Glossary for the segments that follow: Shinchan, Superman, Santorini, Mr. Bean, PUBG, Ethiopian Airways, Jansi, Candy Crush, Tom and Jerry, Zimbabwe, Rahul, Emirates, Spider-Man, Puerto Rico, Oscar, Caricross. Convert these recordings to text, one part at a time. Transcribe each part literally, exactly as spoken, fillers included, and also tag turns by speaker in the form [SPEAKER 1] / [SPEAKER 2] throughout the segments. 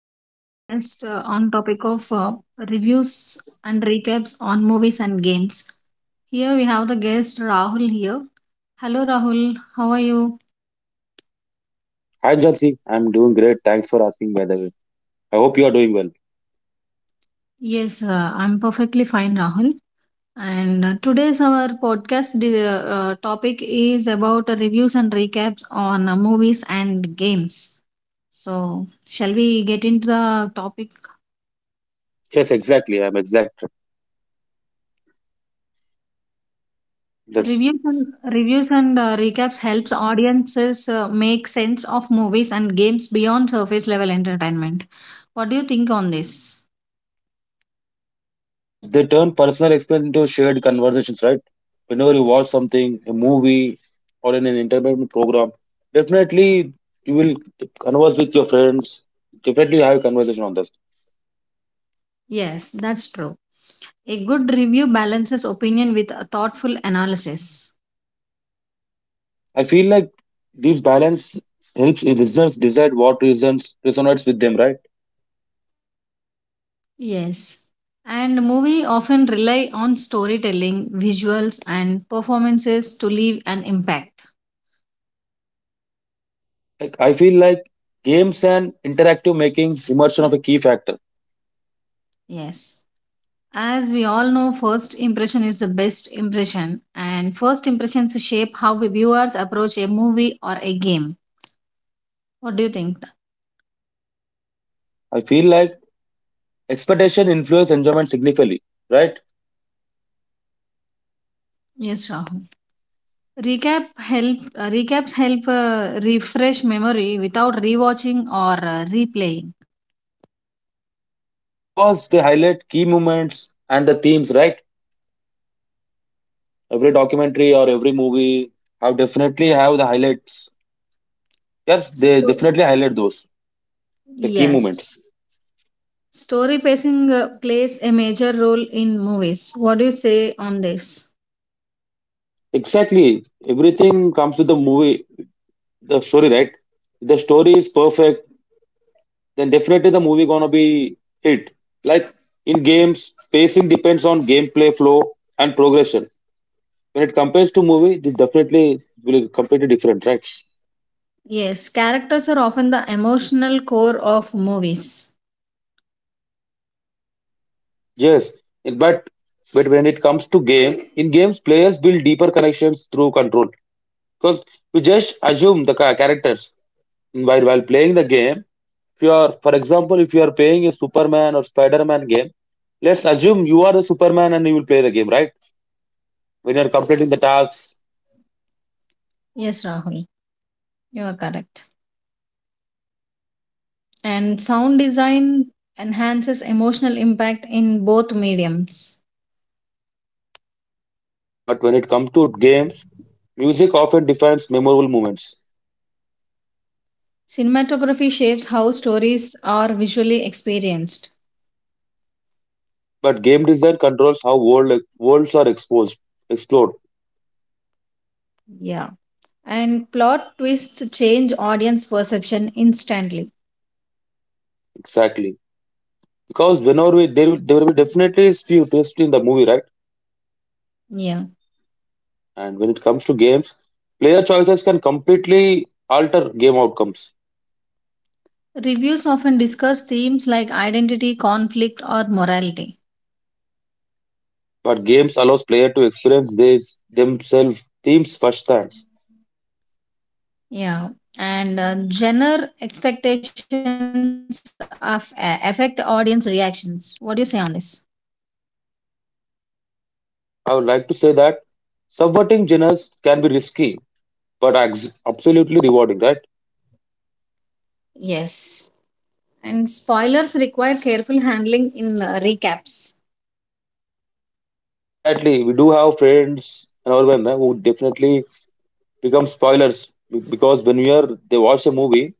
[SPEAKER 1] today's podcast uh, on topic of uh, reviews and recaps on movies and games. Here we have the guest Rahul here. Hello Rahul, how are you?
[SPEAKER 2] Hi, Jansi. I'm doing great. Thanks for asking, by the way. I hope you are doing well.
[SPEAKER 1] Yes, uh, I'm perfectly fine Rahul. And uh, today's our podcast di- uh, uh, topic is about uh, reviews and recaps on uh, movies and games. So, shall we get into the topic?
[SPEAKER 2] Yes, exactly. I'm exact. That's
[SPEAKER 1] Reviews and reviews and uh, recaps helps audiences uh, make sense of movies and games beyond surface level entertainment. What do you think on this?
[SPEAKER 2] Yes. They turn personal experience into shared conversations, right? Whenever you watch something, a movie, or in an entertainment program, definitely you will converse with your friends. Definitely have a conversation on this.
[SPEAKER 1] Yes, that's true. A good review balances opinion with a thoughtful analysis.
[SPEAKER 2] I feel like this balance helps listeners decide what reasons resonates with them, right?
[SPEAKER 1] Yes. And movie often rely on storytelling, visuals and performances to leave an impact.
[SPEAKER 2] Like I feel like games and interactive making immersion of a key factor.
[SPEAKER 1] Yes. As we all know, first impression is the best impression, and first impressions shape how we viewers approach a movie or a game. What do you think?
[SPEAKER 2] I feel like expectation influence enjoyment significantly, right?
[SPEAKER 1] Yes, Rahul. Recap help uh, recaps help uh, refresh memory without rewatching or uh, replaying.
[SPEAKER 2] Because they highlight key moments and the themes, right? Every documentary or every movie have definitely have the highlights. Yes, they
[SPEAKER 1] So
[SPEAKER 2] definitely highlight those the key
[SPEAKER 1] yes,
[SPEAKER 2] moments.
[SPEAKER 1] story pacing uh, plays a major role in movies. What do you say on this?
[SPEAKER 2] Exactly, everything comes with the movie, the story, right? If the story is perfect, then definitely the movie gonna be hit. Like in games, pacing depends on gameplay flow and progression. When it compares to movie, this definitely will be completely different, right?
[SPEAKER 1] Yes, characters are often the emotional core of movies.
[SPEAKER 2] Yes, but but when it comes to game, in games players build deeper connections through control. Because you just assume the ca- characters while while playing the game. If you are, for example, if you are playing a Superman or Spider-Man game, let's assume you are the Superman and you will play the game, right? When you are completing the tasks.
[SPEAKER 1] Yes, Rahul, you are correct. And sound design enhances emotional impact in both mediums.
[SPEAKER 2] But when it comes to games, music often defines memorable moments.
[SPEAKER 1] Cinematography shapes how stories are visually experienced.
[SPEAKER 2] But game design controls how world worlds are exposed, explored.
[SPEAKER 1] Yeah. And plot twists change audience perception instantly.
[SPEAKER 2] Exactly, because whenever we, there will there will be definitely is few twists in the movie, right?
[SPEAKER 1] Yeah.
[SPEAKER 2] And when it comes to games, player choices can completely alter game outcomes.
[SPEAKER 1] Reviews often discuss themes like identity, conflict, or morality.
[SPEAKER 2] But games allows player to experience these themselves themes firsthand.
[SPEAKER 1] Yeah. And uh, genre expectations of, affect audience reactions. What do you say on this?
[SPEAKER 2] I would like to say that subverting genres can be risky, but ex- absolutely rewarding, right?
[SPEAKER 1] Yes. And spoilers require careful handling in uh, recaps.
[SPEAKER 2] Exactly. We do have friends and all them eh, who definitely become spoilers be- because when we are they watch a movie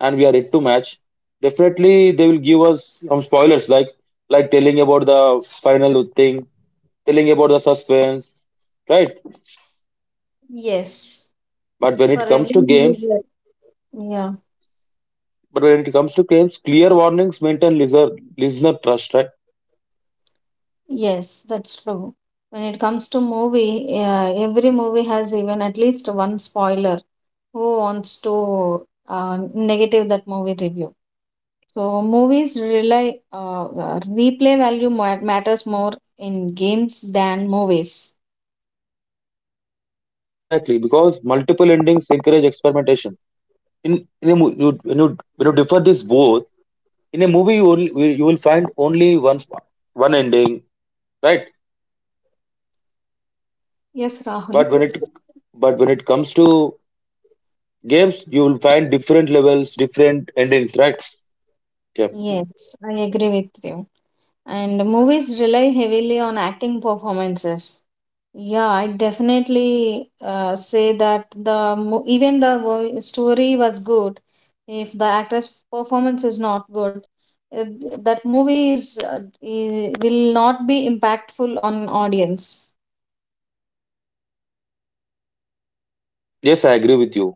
[SPEAKER 2] and we are yet to match. Definitely, they will give us some spoilers, like like telling about the final thing, telling about the suspense, right?
[SPEAKER 1] Yes,
[SPEAKER 2] But when
[SPEAKER 1] for
[SPEAKER 2] it
[SPEAKER 1] every
[SPEAKER 2] comes to
[SPEAKER 1] movie,
[SPEAKER 2] games,
[SPEAKER 1] there- yeah,
[SPEAKER 2] but when it comes to games, clear warnings maintain listener listener trust, right?
[SPEAKER 1] yes, that's true. When it comes to movie, yeah, every movie has even at least one spoiler. Who wants to uh, negative that movie review? So movies rely, uh, uh, replay value ma- matters more in games than movies.
[SPEAKER 2] Exactly, because multiple endings encourage experimentation. In in a mo- you, when you when you differ this both in a movie, you will you will find only one one ending, right?
[SPEAKER 1] Yes, Rahul.
[SPEAKER 2] But when it but when it comes to games you will find different levels different endings, right? Yeah.
[SPEAKER 1] Yes, I agree with you. And movies rely heavily on acting performances. Yeah, I definitely uh, say that the mo- even the wo- story was good. If the actress performance is not good, uh, that movie is uh, i- will not be impactful on audience.
[SPEAKER 2] Yes, I agree with you,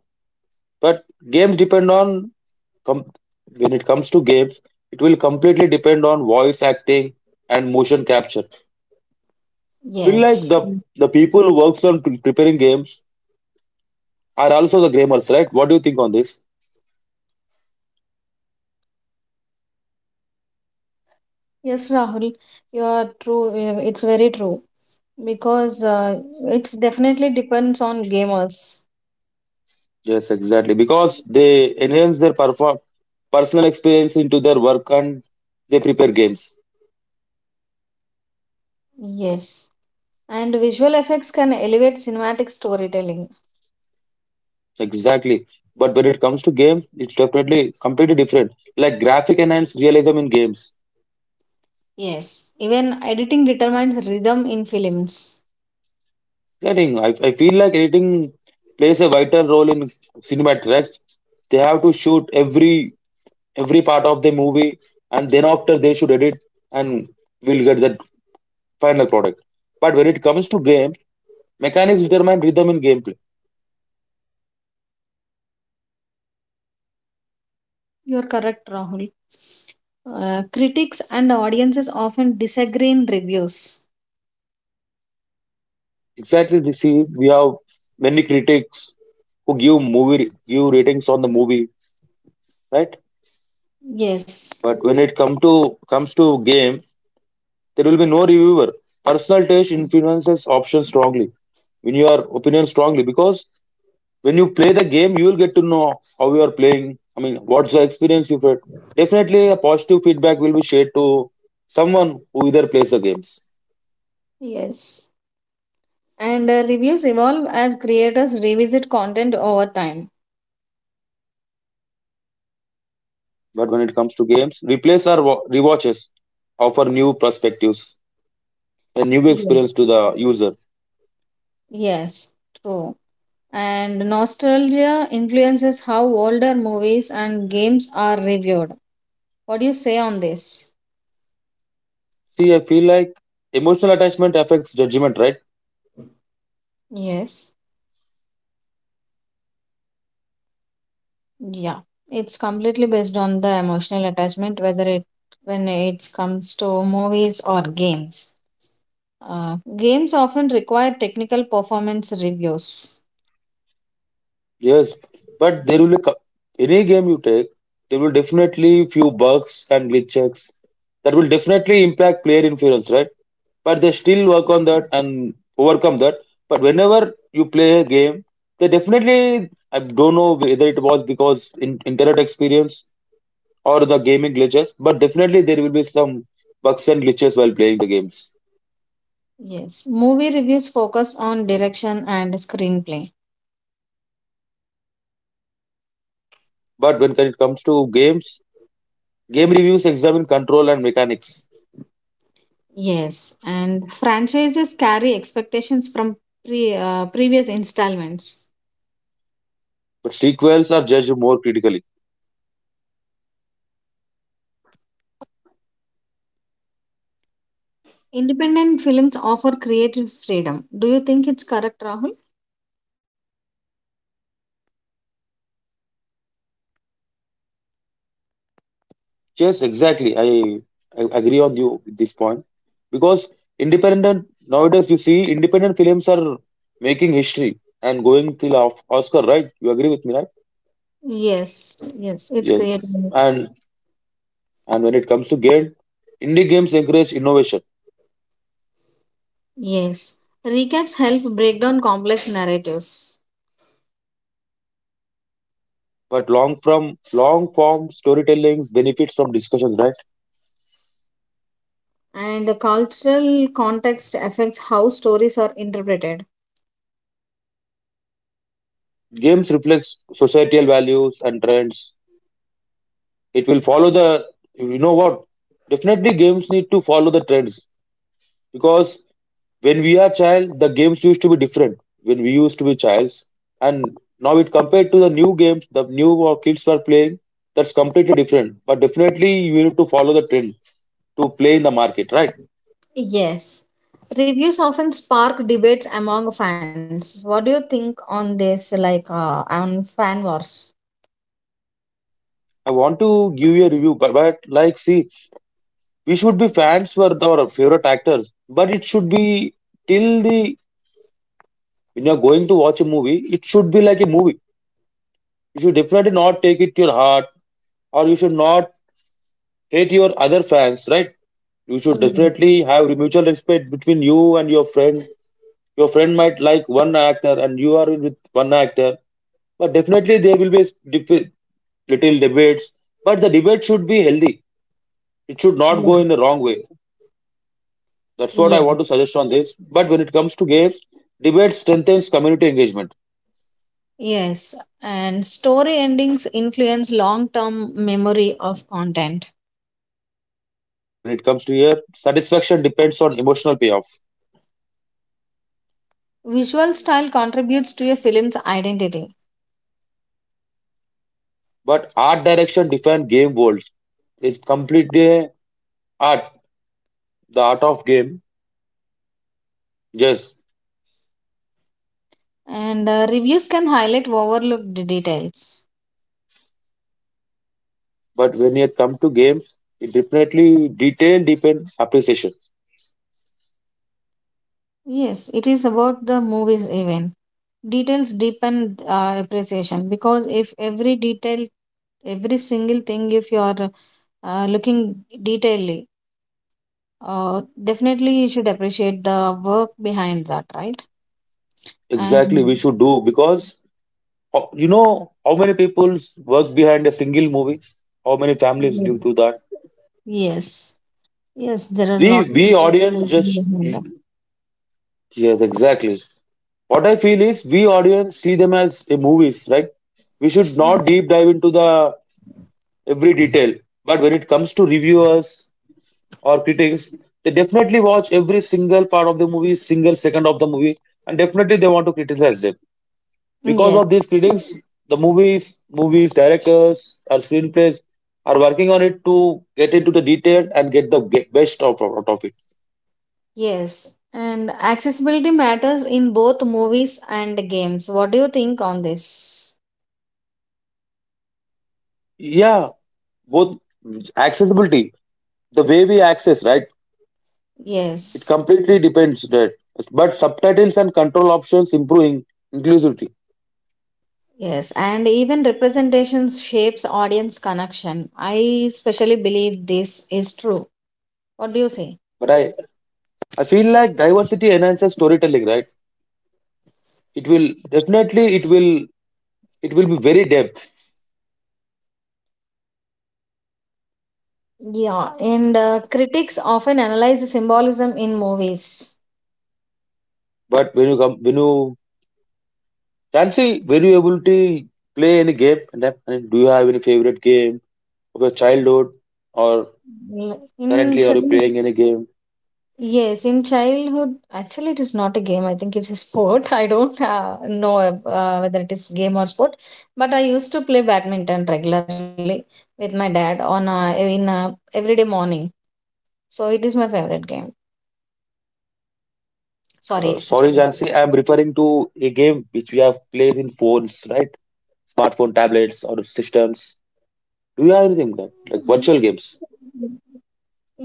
[SPEAKER 2] but games depend on com- when it comes to games it will completely depend on voice acting and motion capture. Feel like
[SPEAKER 1] Yes.
[SPEAKER 2] the the people who works on pre- preparing games are also the gamers, right? What do you think on this?
[SPEAKER 1] Yes, Rahul, you are true. uh, It's very true because uh, it's definitely depends on gamers.
[SPEAKER 2] Yes, exactly, because they enhance their perform- personal experience into their work and they prepare games.
[SPEAKER 1] Yes. And visual effects can elevate cinematic storytelling.
[SPEAKER 2] Exactly. But when it comes to games, it's definitely completely different. Like graphic enhanced realism in games.
[SPEAKER 1] Yes, even editing determines rhythm in films.
[SPEAKER 2] Editing, I, I feel like editing plays a vital role in cinematics. They have to shoot every every part of the movie, and then after they should edit, and we'll get that final product. But when it comes to game, mechanics determine rhythm in gameplay.
[SPEAKER 1] You're correct, Rahul. Uh, critics and audiences often disagree in reviews.
[SPEAKER 2] Exactly. You see, we have many critics who give movie give ratings on the movie, right?
[SPEAKER 1] Yes,
[SPEAKER 2] But when it come to comes to game, there will be no reviewer. Personal taste influences options strongly. When your opinion strongly, because when you play the game, you will get to know how you are playing. I mean, what's the experience you've had. Definitely, a positive feedback will be shared to someone who either plays the games.
[SPEAKER 1] yes. And uh, reviews evolve as creators revisit content over time.
[SPEAKER 2] But when it comes to games, replays or wa- rewatches offer new perspectives and new
[SPEAKER 1] Yes.
[SPEAKER 2] experience to the user.
[SPEAKER 1] Yes, true. And nostalgia influences how older movies and games are reviewed. What do you say on this?
[SPEAKER 2] See, I feel like emotional attachment affects judgment, right?
[SPEAKER 1] Yes. Yeah, it's completely based on the emotional attachment, whether it when it comes to movies or games. Uh, games often require technical performance reviews.
[SPEAKER 2] Yes, but there will be co- any game you take, there will definitely few bugs and glitches that will definitely impact player influence, right? But they still work on that and overcome that. But whenever you play a game, they definitely I don't know whether it was because in internet experience or the gaming glitches, but definitely there will be some bugs and glitches while playing the games.
[SPEAKER 1] Yes, movie reviews focus on direction and screenplay.
[SPEAKER 2] But when it comes to games, game reviews examine control and mechanics,
[SPEAKER 1] Yes, and franchises carry expectations from pre, uh, previous installments.
[SPEAKER 2] but sequels are judged more critically.
[SPEAKER 1] Independent films offer creative freedom. Do you think it's correct, Rahul?
[SPEAKER 2] Yes, exactly. I, I agree on you with this point because independent nowadays you see independent films are making history and going till of Oscar, right? You agree with me, right?
[SPEAKER 1] Yes, yes, it's
[SPEAKER 2] Yes.
[SPEAKER 1] creative.
[SPEAKER 2] And and when it comes to game, indie games encourage innovation,
[SPEAKER 1] Yes, recaps help break down complex narratives,
[SPEAKER 2] but long from long form storytelling benefits from discussions, right?
[SPEAKER 1] and the cultural context affects how stories are interpreted.
[SPEAKER 2] Games reflects societal values and trends. It will follow the you know what? Definitely, games need to follow the trends because when we are child the games used to be different when we used to be childs, and now it compared to the new games the new uh, kids were playing. That's completely different, but definitely you need to follow the trend to play in the market, right?
[SPEAKER 1] Yes, reviews often spark debates among fans. What do you think on this, like uh, on fan wars?
[SPEAKER 2] I want to give you a review, but, but like see, we should be fans for our favorite actors, but it should be till the when you're going to watch a movie it should be like a movie. You should definitely not take it to your heart, or you should not hate your other fans, right? You should
[SPEAKER 1] Yes,
[SPEAKER 2] definitely have mutual respect between you and your friend. Your friend might like one actor and you are with one actor, but definitely there will be s- dif- little debates. But the debate should be healthy. It should not
[SPEAKER 1] yes,
[SPEAKER 2] go in the wrong way. That's what I
[SPEAKER 1] yes.
[SPEAKER 2] want to suggest on this. But when it comes to games, debate strengthens community engagement.
[SPEAKER 1] Yes, and story endings influence long term memory of content.
[SPEAKER 2] But when it comes to here, satisfaction depends on emotional payoff.
[SPEAKER 1] Visual style contributes to a film's identity,
[SPEAKER 2] But art direction defines game worlds. It's completely art, the art of game. Yes,
[SPEAKER 1] and uh, reviews can highlight overlooked details.
[SPEAKER 2] but when it come to games, it definitely detail depend appreciation.
[SPEAKER 1] Yes, it is about the movies even. Details deepen uh, appreciation, because if every detail, every single thing, if you are uh, looking detailedly, uh, definitely you should appreciate the work behind that, right?
[SPEAKER 2] Exactly, we
[SPEAKER 1] And
[SPEAKER 2] should do because uh, you know how many people work behind a single movie. How many
[SPEAKER 1] yes,
[SPEAKER 2] families do to that?
[SPEAKER 1] yes, yes, there are a
[SPEAKER 2] We
[SPEAKER 1] lot of
[SPEAKER 2] we audience
[SPEAKER 1] people
[SPEAKER 2] just.
[SPEAKER 1] behind
[SPEAKER 2] Yes, exactly. What I feel is we audience see them as a movies, right? We should
[SPEAKER 1] that.
[SPEAKER 2] not deep dive into the every detail. But when it comes to reviewers, or critics, they definitely watch every single part of the movie, single second of the movie, and definitely they want to criticize them. Because
[SPEAKER 1] Yes,
[SPEAKER 2] of these critics, the movies, movies, directors, or screenplays are working on it to get into the detail and get the ge- best of, out of it.
[SPEAKER 1] yes. And accessibility matters in both movies and games. What do you think on this?
[SPEAKER 2] Yeah, both accessibility, the way we access, right? It
[SPEAKER 1] Yes.
[SPEAKER 2] completely depends that. But subtitles and control options improving inclusivity.
[SPEAKER 1] Yes, and even representations shapes audience connection. I especially believe this is true. What do you say?
[SPEAKER 2] But I, I feel like diversity enhances storytelling, right? it will definitely it will it will be very depth,
[SPEAKER 1] Yeah, and uh, critics often analyze the symbolism in movies.
[SPEAKER 2] but when you come when you Chancy, were you able to play any game, and have- and do you have any favorite game of your childhood, or
[SPEAKER 1] L- In
[SPEAKER 2] currently are you
[SPEAKER 1] child,
[SPEAKER 2] playing any game?
[SPEAKER 1] yes, in childhood, actually, it is not a game. I think it's a sport. I don't uh, know uh, whether it is game or sport, but I used to play badminton regularly with my dad on uh, in uh, everyday morning. So it is my favorite game.
[SPEAKER 2] Uh,
[SPEAKER 1] Sorry,
[SPEAKER 2] sorry,
[SPEAKER 1] it's a sport.
[SPEAKER 2] Jansi, I'm referring to a game which we have played in phones, right? Smartphone, tablets, or systems. Do you have anything like, like virtual games,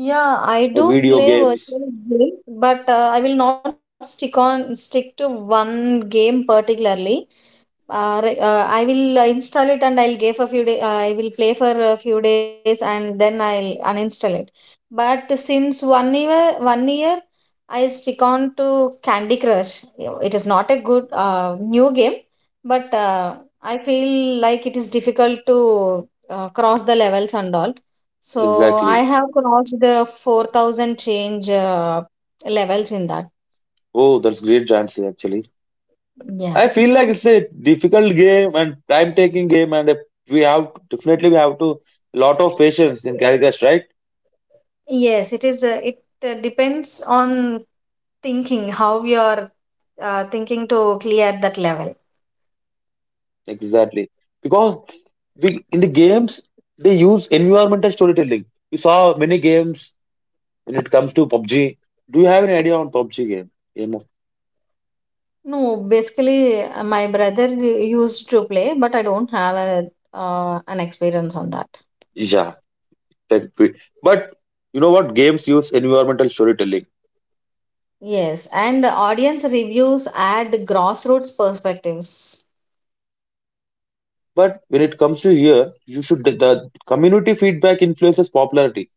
[SPEAKER 1] Yeah, I
[SPEAKER 2] uh,
[SPEAKER 1] do
[SPEAKER 2] video
[SPEAKER 1] play
[SPEAKER 2] games?
[SPEAKER 1] virtual games, but uh, I will not stick on stick to one game particularly. Uh, re- uh, I will uh, install it and I'll give a few day. Uh, I will play for a few days and then I'll uninstall it. But since one year, one year, I stick on to Candy Crush. You know, it is not a good uh, new game, but uh, I feel like it is difficult to uh, cross the levels and all, so I
[SPEAKER 2] Exactly.
[SPEAKER 1] have crossed the four thousand change uh, levels in that.
[SPEAKER 2] Oh, that's great, Jansi. Actually,
[SPEAKER 1] Yeah.
[SPEAKER 2] I feel like it's a difficult game and time taking game, and we have definitely we have to lot of patience in Caricross, right?
[SPEAKER 1] Yes, it is. Uh, it uh, depends on thinking how you're uh, thinking to clear that level.
[SPEAKER 2] Exactly, because we in the games they use environmental storytelling. You saw many games when it comes to PUBG. Do you have any idea on PUBG game? Game of
[SPEAKER 1] No, basically, uh, my brother u- used to play, but I don't have a uh, an experience on that.
[SPEAKER 2] Yeah, that we- but you know what, games use environmental storytelling.
[SPEAKER 1] Yes, and audience reviews add grassroots perspectives.
[SPEAKER 2] But when it comes to here, you should the community feedback influences popularity.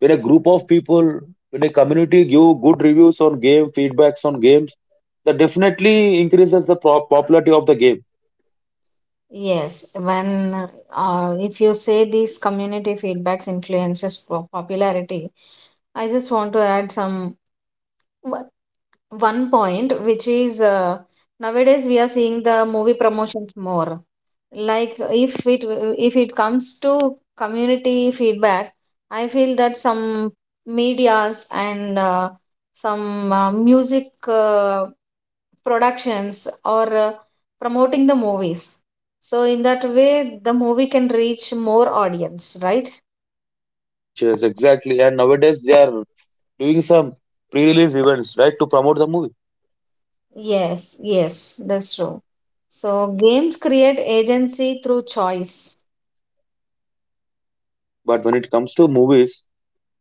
[SPEAKER 2] When a group of people, when a community give good reviews on game, feedbacks on games, that definitely increases the pro- popularity of the game.
[SPEAKER 1] Yes, when uh, if you say these community feedbacks influences po- popularity, I just want to add some one point, which is uh, nowadays we are seeing the movie promotions more. Like if it if it comes to community feedback, I feel that some medias and uh, some uh, music uh, productions are uh, promoting the movies, so in that way the movie can reach more audience, right?
[SPEAKER 2] Yes, exactly. And nowadays they are doing some pre-release events, right, to promote the movie.
[SPEAKER 1] Yes, yes, that's true. So games create agency through choice.
[SPEAKER 2] But when it comes to movies,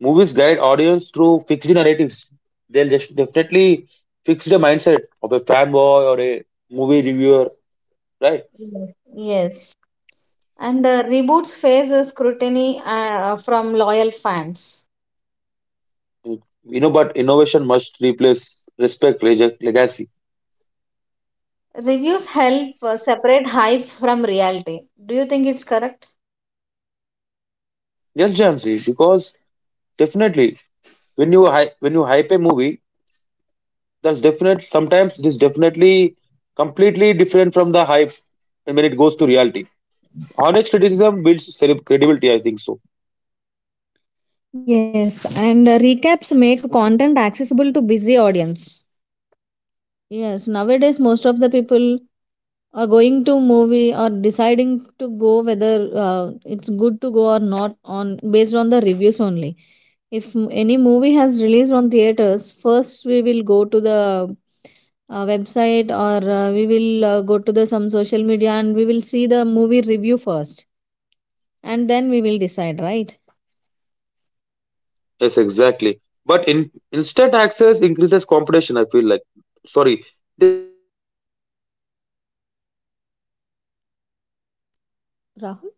[SPEAKER 2] movies guide audience through fixed narratives. They'll just definitely fix the mindset of a fanboy or a movie reviewer, right?
[SPEAKER 1] Yes, yes. And uh, reboots face a scrutiny uh, from loyal fans.
[SPEAKER 2] You know, but innovation must replace respect, reject legacy.
[SPEAKER 1] Reviews help uh, separate hype from reality. Do you think it's correct?
[SPEAKER 2] Yes, Jansi, because definitely when you hy- when you hype a movie, that's definite sometimes it is definitely completely different from the hype when it goes to reality. Honest criticism builds celeb- credibility, I think so.
[SPEAKER 1] Yes, and uh, recaps make content accessible to busy audience. Yes, nowadays most of the people are going to movie or deciding to go whether uh, it's good to go or not on based on the reviews only. If m- any movie has released on theaters, first we will go to the uh, website, or uh, we will uh, go to the some social media, and we will see the movie review first and then we will decide, right?
[SPEAKER 2] Yes, exactly, but in instant access increases competition, I feel like. Sorry, they keep conversations alive, you know, the recaps that keep conversations alive.
[SPEAKER 1] Rahul,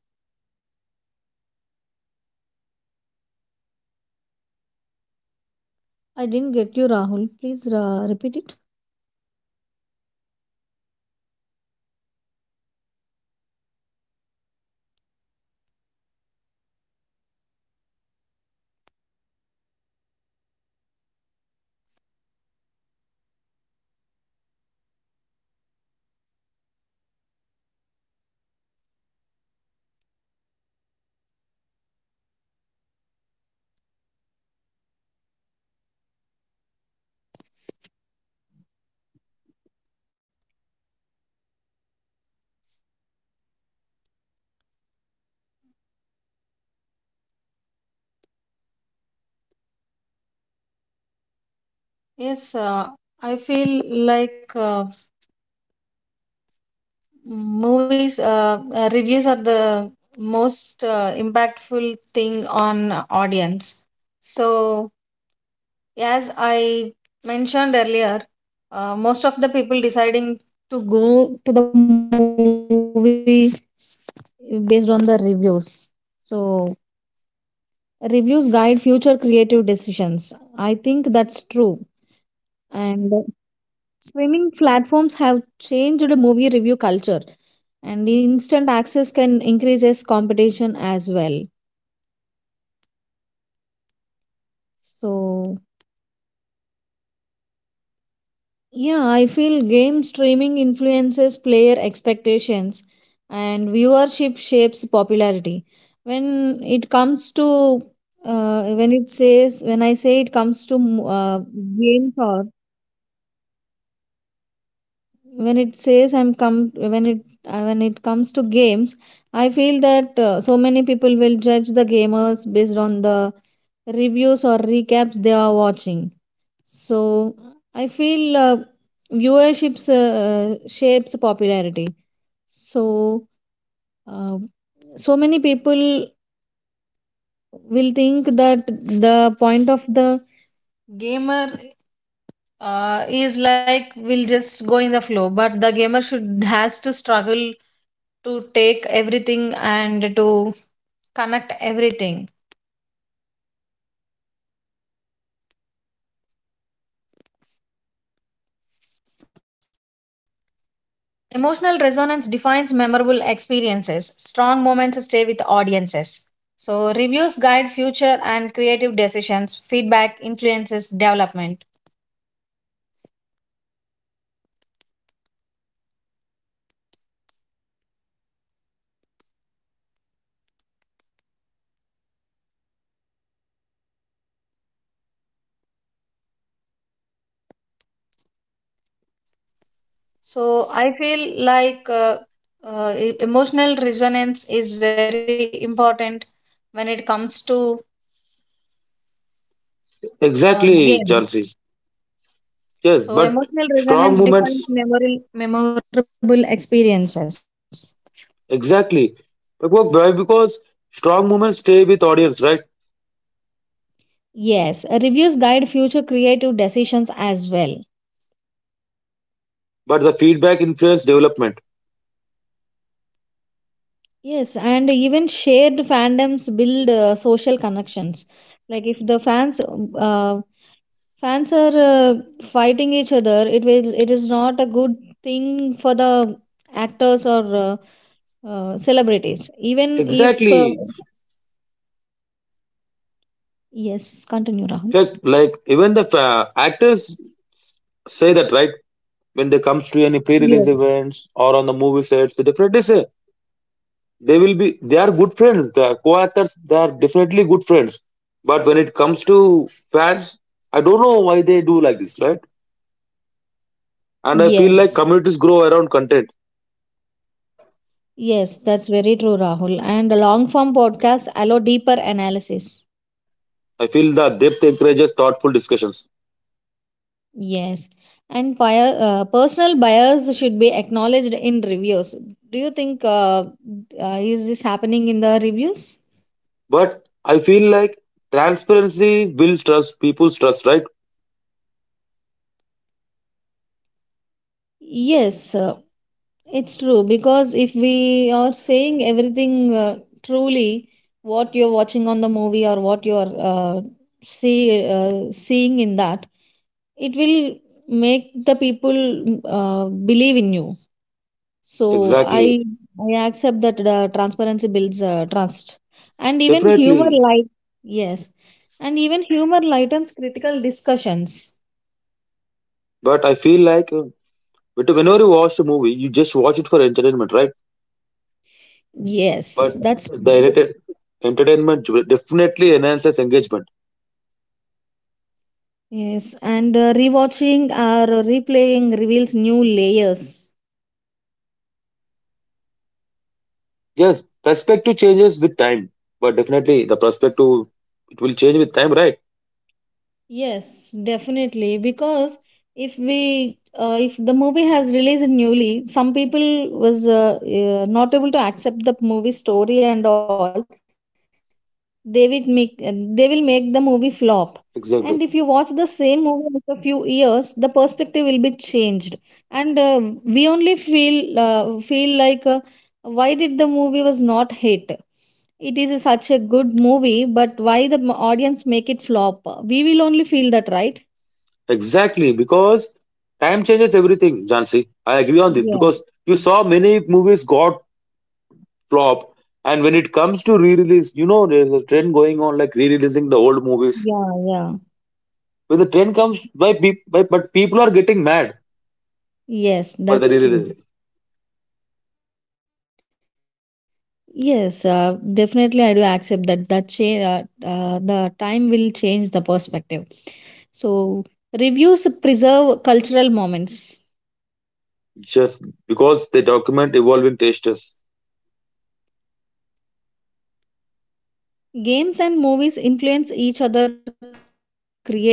[SPEAKER 2] Yes, exactly, they keep conversation alive, right?
[SPEAKER 1] I didn't get you, Rahul. Please uh, repeat it.
[SPEAKER 2] Can you please give me a moment?
[SPEAKER 1] Yes, uh, I feel like uh, movies uh, uh, reviews are the most uh, impactful thing on audience. So as I mentioned earlier, uh, most of the people deciding to go to the movie based on the reviews. So reviews guide future creative decisions, I think that's true. And streaming platforms have changed movie review culture, and instant access can increase increases competition as well. So yeah, I feel game streaming influences player expectations and viewership shapes popularity. When it comes to uh, when it says when I say it comes to uh, games or when it says I'm come when it uh, when it comes to games, I feel that uh, so many people will judge the gamers based on the reviews or recaps they are watching. So I feel uh, viewerships uh, shapes popularity. So, uh, so many people will think that the point of the gamer uh, is like will just go in the flow, but the gamer should has to struggle to take everything and to connect everything. Emotional resonance defines memorable experiences. Strong moments stay with audiences. So, reviews guide future and creative decisions. Feedback influences development. So, I feel like uh, uh, e- emotional resonance is very important when it comes to uh,
[SPEAKER 2] Exactly, Jansi.
[SPEAKER 1] games.
[SPEAKER 2] Yes,
[SPEAKER 1] So,
[SPEAKER 2] but
[SPEAKER 1] emotional
[SPEAKER 2] strong
[SPEAKER 1] resonance
[SPEAKER 2] movements,
[SPEAKER 1] defines memorable, memorable experiences.
[SPEAKER 2] exactly. Because why? Because strong movements stay with audience, right?
[SPEAKER 1] Yes, uh, reviews guide future creative decisions as well.
[SPEAKER 2] But the feedback influence development.
[SPEAKER 1] Yes, and even shared fandoms build uh, social connections. Like if the fans uh, fans are uh, fighting each other, it will it is not a good thing for the actors or uh, uh, celebrities. Even if
[SPEAKER 2] Exactly.
[SPEAKER 1] uh, yes, continue, Rahul.
[SPEAKER 2] Like, like even the fa- actors say that, right? When they comes to any pre-release
[SPEAKER 1] Yes.
[SPEAKER 2] events or on the movie sets, they definitely say they will be. They are good friends. The co-actors, they are definitely good friends. But when it comes to fans, I don't know why they do like this, right? And I feel
[SPEAKER 1] Yes.
[SPEAKER 2] like communities grow around content.
[SPEAKER 1] Yes, that's very true, Rahul. And long form podcasts allow deeper analysis.
[SPEAKER 2] I feel the depth encourages thoughtful discussions.
[SPEAKER 1] Yes, and buyer, uh, personal bias should be acknowledged in reviews. Do you think uh, uh, is this happening in the reviews?
[SPEAKER 2] But I feel like transparency builds trust, people's trust, right?
[SPEAKER 1] Yes, uh, it's true because if we are saying everything uh, truly, what you're watching on the movie or what you're uh, see uh, seeing in that, it will make the people uh, believe in you. So I
[SPEAKER 2] Exactly.
[SPEAKER 1] I accept that uh, transparency builds uh, trust, and even humor
[SPEAKER 2] Definitely.
[SPEAKER 1] light. Yes, and even humor lightens critical discussions.
[SPEAKER 2] But I feel like uh, but whenever you watch a movie, you just watch it for entertainment, right?
[SPEAKER 1] Yes,
[SPEAKER 2] But
[SPEAKER 1] that's
[SPEAKER 2] the
[SPEAKER 1] true.
[SPEAKER 2] enter- entertainment definitely enhances engagement.
[SPEAKER 1] Yes, and uh, rewatching or replaying reveals new layers.
[SPEAKER 2] Yes, perspective changes with time. But definitely the perspective it will change with time, right?
[SPEAKER 1] Yes, definitely. Because if we uh, if the movie has released newly, some people was uh, uh, not able to accept the movie story and all. They will make uh, they will make the movie flop.
[SPEAKER 2] Exactly.
[SPEAKER 1] And if you watch the same movie after a few years, the perspective will be changed. And uh, we only feel uh, feel like uh, why did the movie was not hit. It is such a good movie, but why the m- audience make it flop? We will only feel that, right?
[SPEAKER 2] Exactly, because time changes everything, Jansi. I agree on this because you saw many
[SPEAKER 1] Yeah,
[SPEAKER 2] movies got flop, and when it comes to re-release, you know there's a trend going on like re-releasing the old movies.
[SPEAKER 1] yeah,
[SPEAKER 2] When the
[SPEAKER 1] yeah.
[SPEAKER 2] trend comes, by, peop by but people are getting mad for the re-release,
[SPEAKER 1] Yes, that's true. Yes, uh, definitely I do accept that that change uh, uh, the time will change the perspective. So reviews preserve cultural moments.
[SPEAKER 2] just because they document evolving tastes.
[SPEAKER 1] Games and movies influence each other creatively.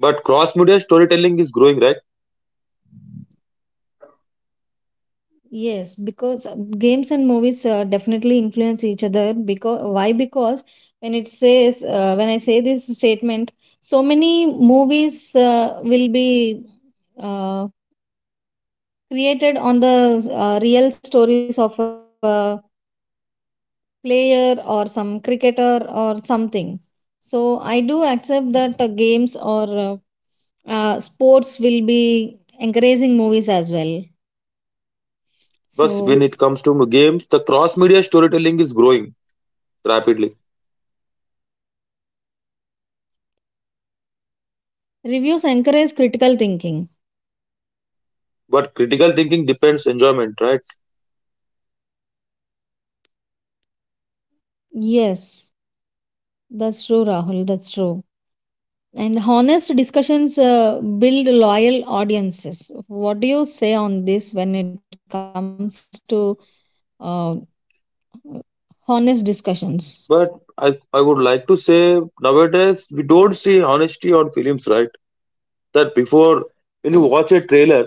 [SPEAKER 2] But cross-media storytelling is growing, right?
[SPEAKER 1] Yes, because uh, games and movies uh, definitely influence each other. Because why? Because when it says uh, when I say this statement, so many movies uh, will be uh, created on the uh, real stories of a player or some cricketer or something. So I do accept that uh, games or uh, uh, sports will be encouraging movies as well. So
[SPEAKER 2] But when it comes to games, the cross-media storytelling is growing rapidly.
[SPEAKER 1] reviews encourage critical thinking.
[SPEAKER 2] But critical thinking depends enjoyment, right?
[SPEAKER 1] Yes, that's true, Rahul. That's true. And honest discussions uh, build loyal audiences. What do you say on this when it comes to uh, honest discussions?
[SPEAKER 2] But I, I would like to say nowadays we don't see honesty on films, right? That before, when you watch a trailer,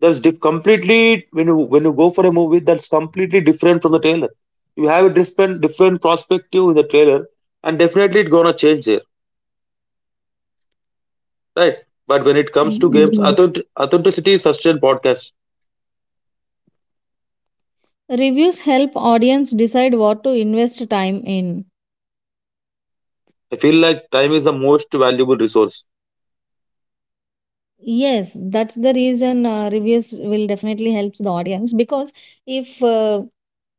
[SPEAKER 2] that's diff- completely when you when you go for a movie that's completely different from the trailer. You have a different different perspective in the trailer, and definitely it's gonna change there, right? But when it comes to games,
[SPEAKER 1] Yes.
[SPEAKER 2] authentic- authenticity is such podcast.
[SPEAKER 1] Reviews help audience decide what to invest time in.
[SPEAKER 2] I feel like time is the most valuable resource.
[SPEAKER 1] Yes, that's the reason uh, reviews will definitely help the audience because if uh,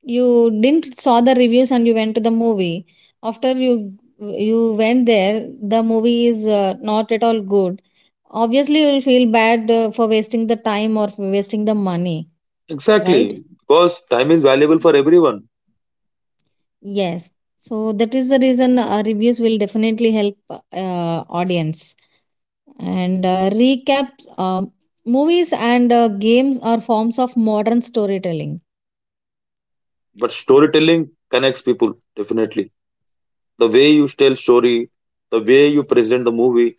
[SPEAKER 1] you didn't saw the reviews and you went to the movie, after you you went there, the movie is uh, not at all good, obviously you will feel bad uh, for wasting the time or for wasting the money, right?
[SPEAKER 2] Exactly, because time is valuable for everyone,
[SPEAKER 1] Yes, so that is the reason uh, reviews will definitely help uh, audience. And uh, recaps um, movies and uh, games are forms of modern storytelling.
[SPEAKER 2] but storytelling connects people definitely. The way you tell story, the way you present the movie,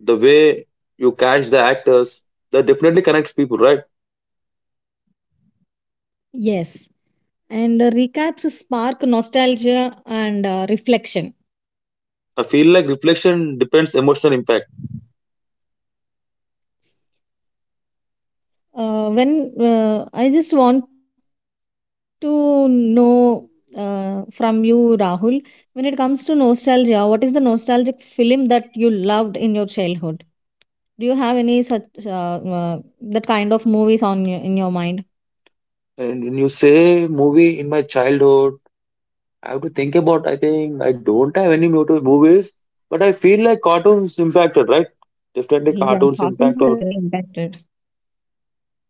[SPEAKER 2] the way you catch the actors, that definitely connects people, right?
[SPEAKER 1] Yes, and uh, recaps spark nostalgia and uh, reflection.
[SPEAKER 2] I feel like reflection depends emotional impact.
[SPEAKER 1] Uh, when uh, I just want to know uh, from you, Rahul, when it comes to nostalgia, what is the nostalgic film that you loved in your childhood? Do you have any such uh, uh, that kind of movies on your, in your mind?
[SPEAKER 2] And when you say movie in my childhood, I have to think about. I think I don't have any noted movies, but I feel like cartoons impacted, right? Definitely
[SPEAKER 1] Yeah,
[SPEAKER 2] cartoons impact,
[SPEAKER 1] costumes are
[SPEAKER 2] or
[SPEAKER 1] very impacted.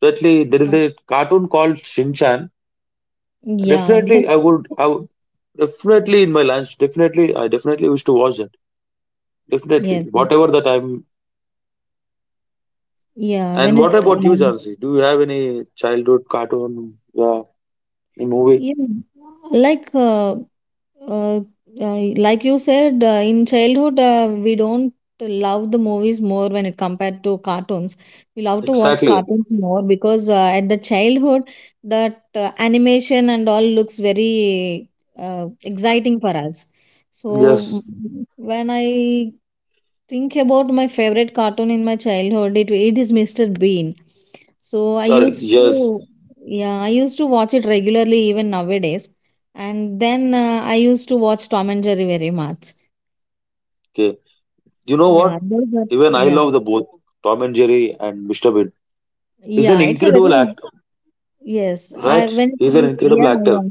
[SPEAKER 2] definitely there is
[SPEAKER 1] Okay.
[SPEAKER 2] a cartoon called Shinchan.
[SPEAKER 1] Yeah,
[SPEAKER 2] Definitely, I
[SPEAKER 1] that's
[SPEAKER 2] would, I would definitely in my lunch. Definitely, I definitely wish to watch it. Definitely,
[SPEAKER 1] Yes.
[SPEAKER 2] whatever the time.
[SPEAKER 1] Yeah, when
[SPEAKER 2] And
[SPEAKER 1] it
[SPEAKER 2] what about you,
[SPEAKER 1] Um,
[SPEAKER 2] Jansi? Do you have any childhood cartoon, yeah, any movie?
[SPEAKER 1] yeah. like uh, uh, I- like you said, uh, in childhood uh, we don't love the movies more when it compared to cartoons. We love to watch
[SPEAKER 2] Exactly.
[SPEAKER 1] cartoons more because uh, at the childhood that uh, animation and all looks very uh, exciting for us. So
[SPEAKER 2] Yes.
[SPEAKER 1] m- when i think about my favorite cartoon in my childhood, it, it is Mr. Bean. So I
[SPEAKER 2] Sorry.
[SPEAKER 1] used
[SPEAKER 2] Yes.
[SPEAKER 1] to Yeah, I used to watch it regularly, even nowadays. And then uh, I used to watch Tom and Jerry very much.
[SPEAKER 2] Okay. You know
[SPEAKER 1] Yeah,
[SPEAKER 2] what?
[SPEAKER 1] those are,
[SPEAKER 2] Even I
[SPEAKER 1] yeah,
[SPEAKER 2] love the both Tom and Jerry and Mister Bean. He's an
[SPEAKER 1] yeah. It's a
[SPEAKER 2] incredible
[SPEAKER 1] very
[SPEAKER 2] actor,
[SPEAKER 1] yes. I
[SPEAKER 2] right?
[SPEAKER 1] when it
[SPEAKER 2] He's an
[SPEAKER 1] comes, yeah,
[SPEAKER 2] incredible actor.
[SPEAKER 1] yeah.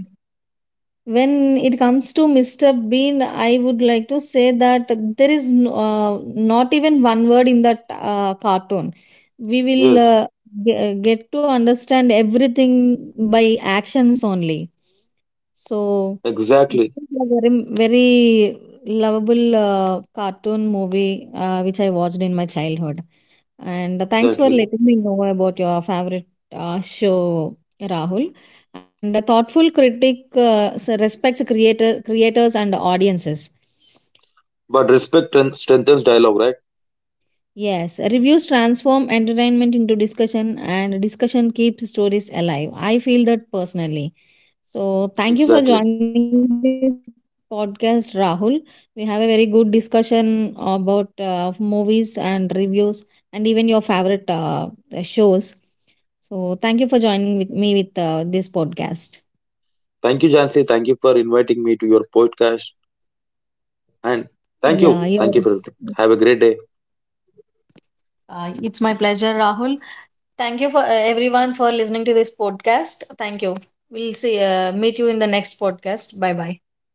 [SPEAKER 1] When it comes to mister Bean, I would like to say that there is no, uh, not even one word in that uh, cartoon. We will
[SPEAKER 2] Yes.
[SPEAKER 1] uh, ge- get to understand everything by actions only. So
[SPEAKER 2] Exactly.
[SPEAKER 1] this was a very, very lovable uh, cartoon movie uh, which I watched in my childhood. And uh, thanks for
[SPEAKER 2] Exactly.
[SPEAKER 1] letting me know about your favorite uh, show, Rahul. And a thoughtful critic uh, s- respects creator, creators and audiences.
[SPEAKER 2] But respect and strengthens dialogue, right?
[SPEAKER 1] Yes, reviews transform entertainment into discussion, and discussion keeps stories alive. I feel that personally. So thank you for
[SPEAKER 2] Exactly.
[SPEAKER 1] joining this podcast, Rahul. We have a very good discussion about uh, movies and reviews, and even your favorite uh, shows. So thank you for joining with me with uh, this podcast.
[SPEAKER 2] Thank you, Jansi. Thank you for inviting me to your podcast. And thank
[SPEAKER 1] Yeah,
[SPEAKER 2] you.
[SPEAKER 1] yeah.
[SPEAKER 2] Thank you for everything. Have a great day.
[SPEAKER 1] Uh, it's my pleasure, Rahul. Thank you for uh, everyone for listening to this podcast. Thank you. We'll see. Uh, meet you in the next podcast. Bye bye.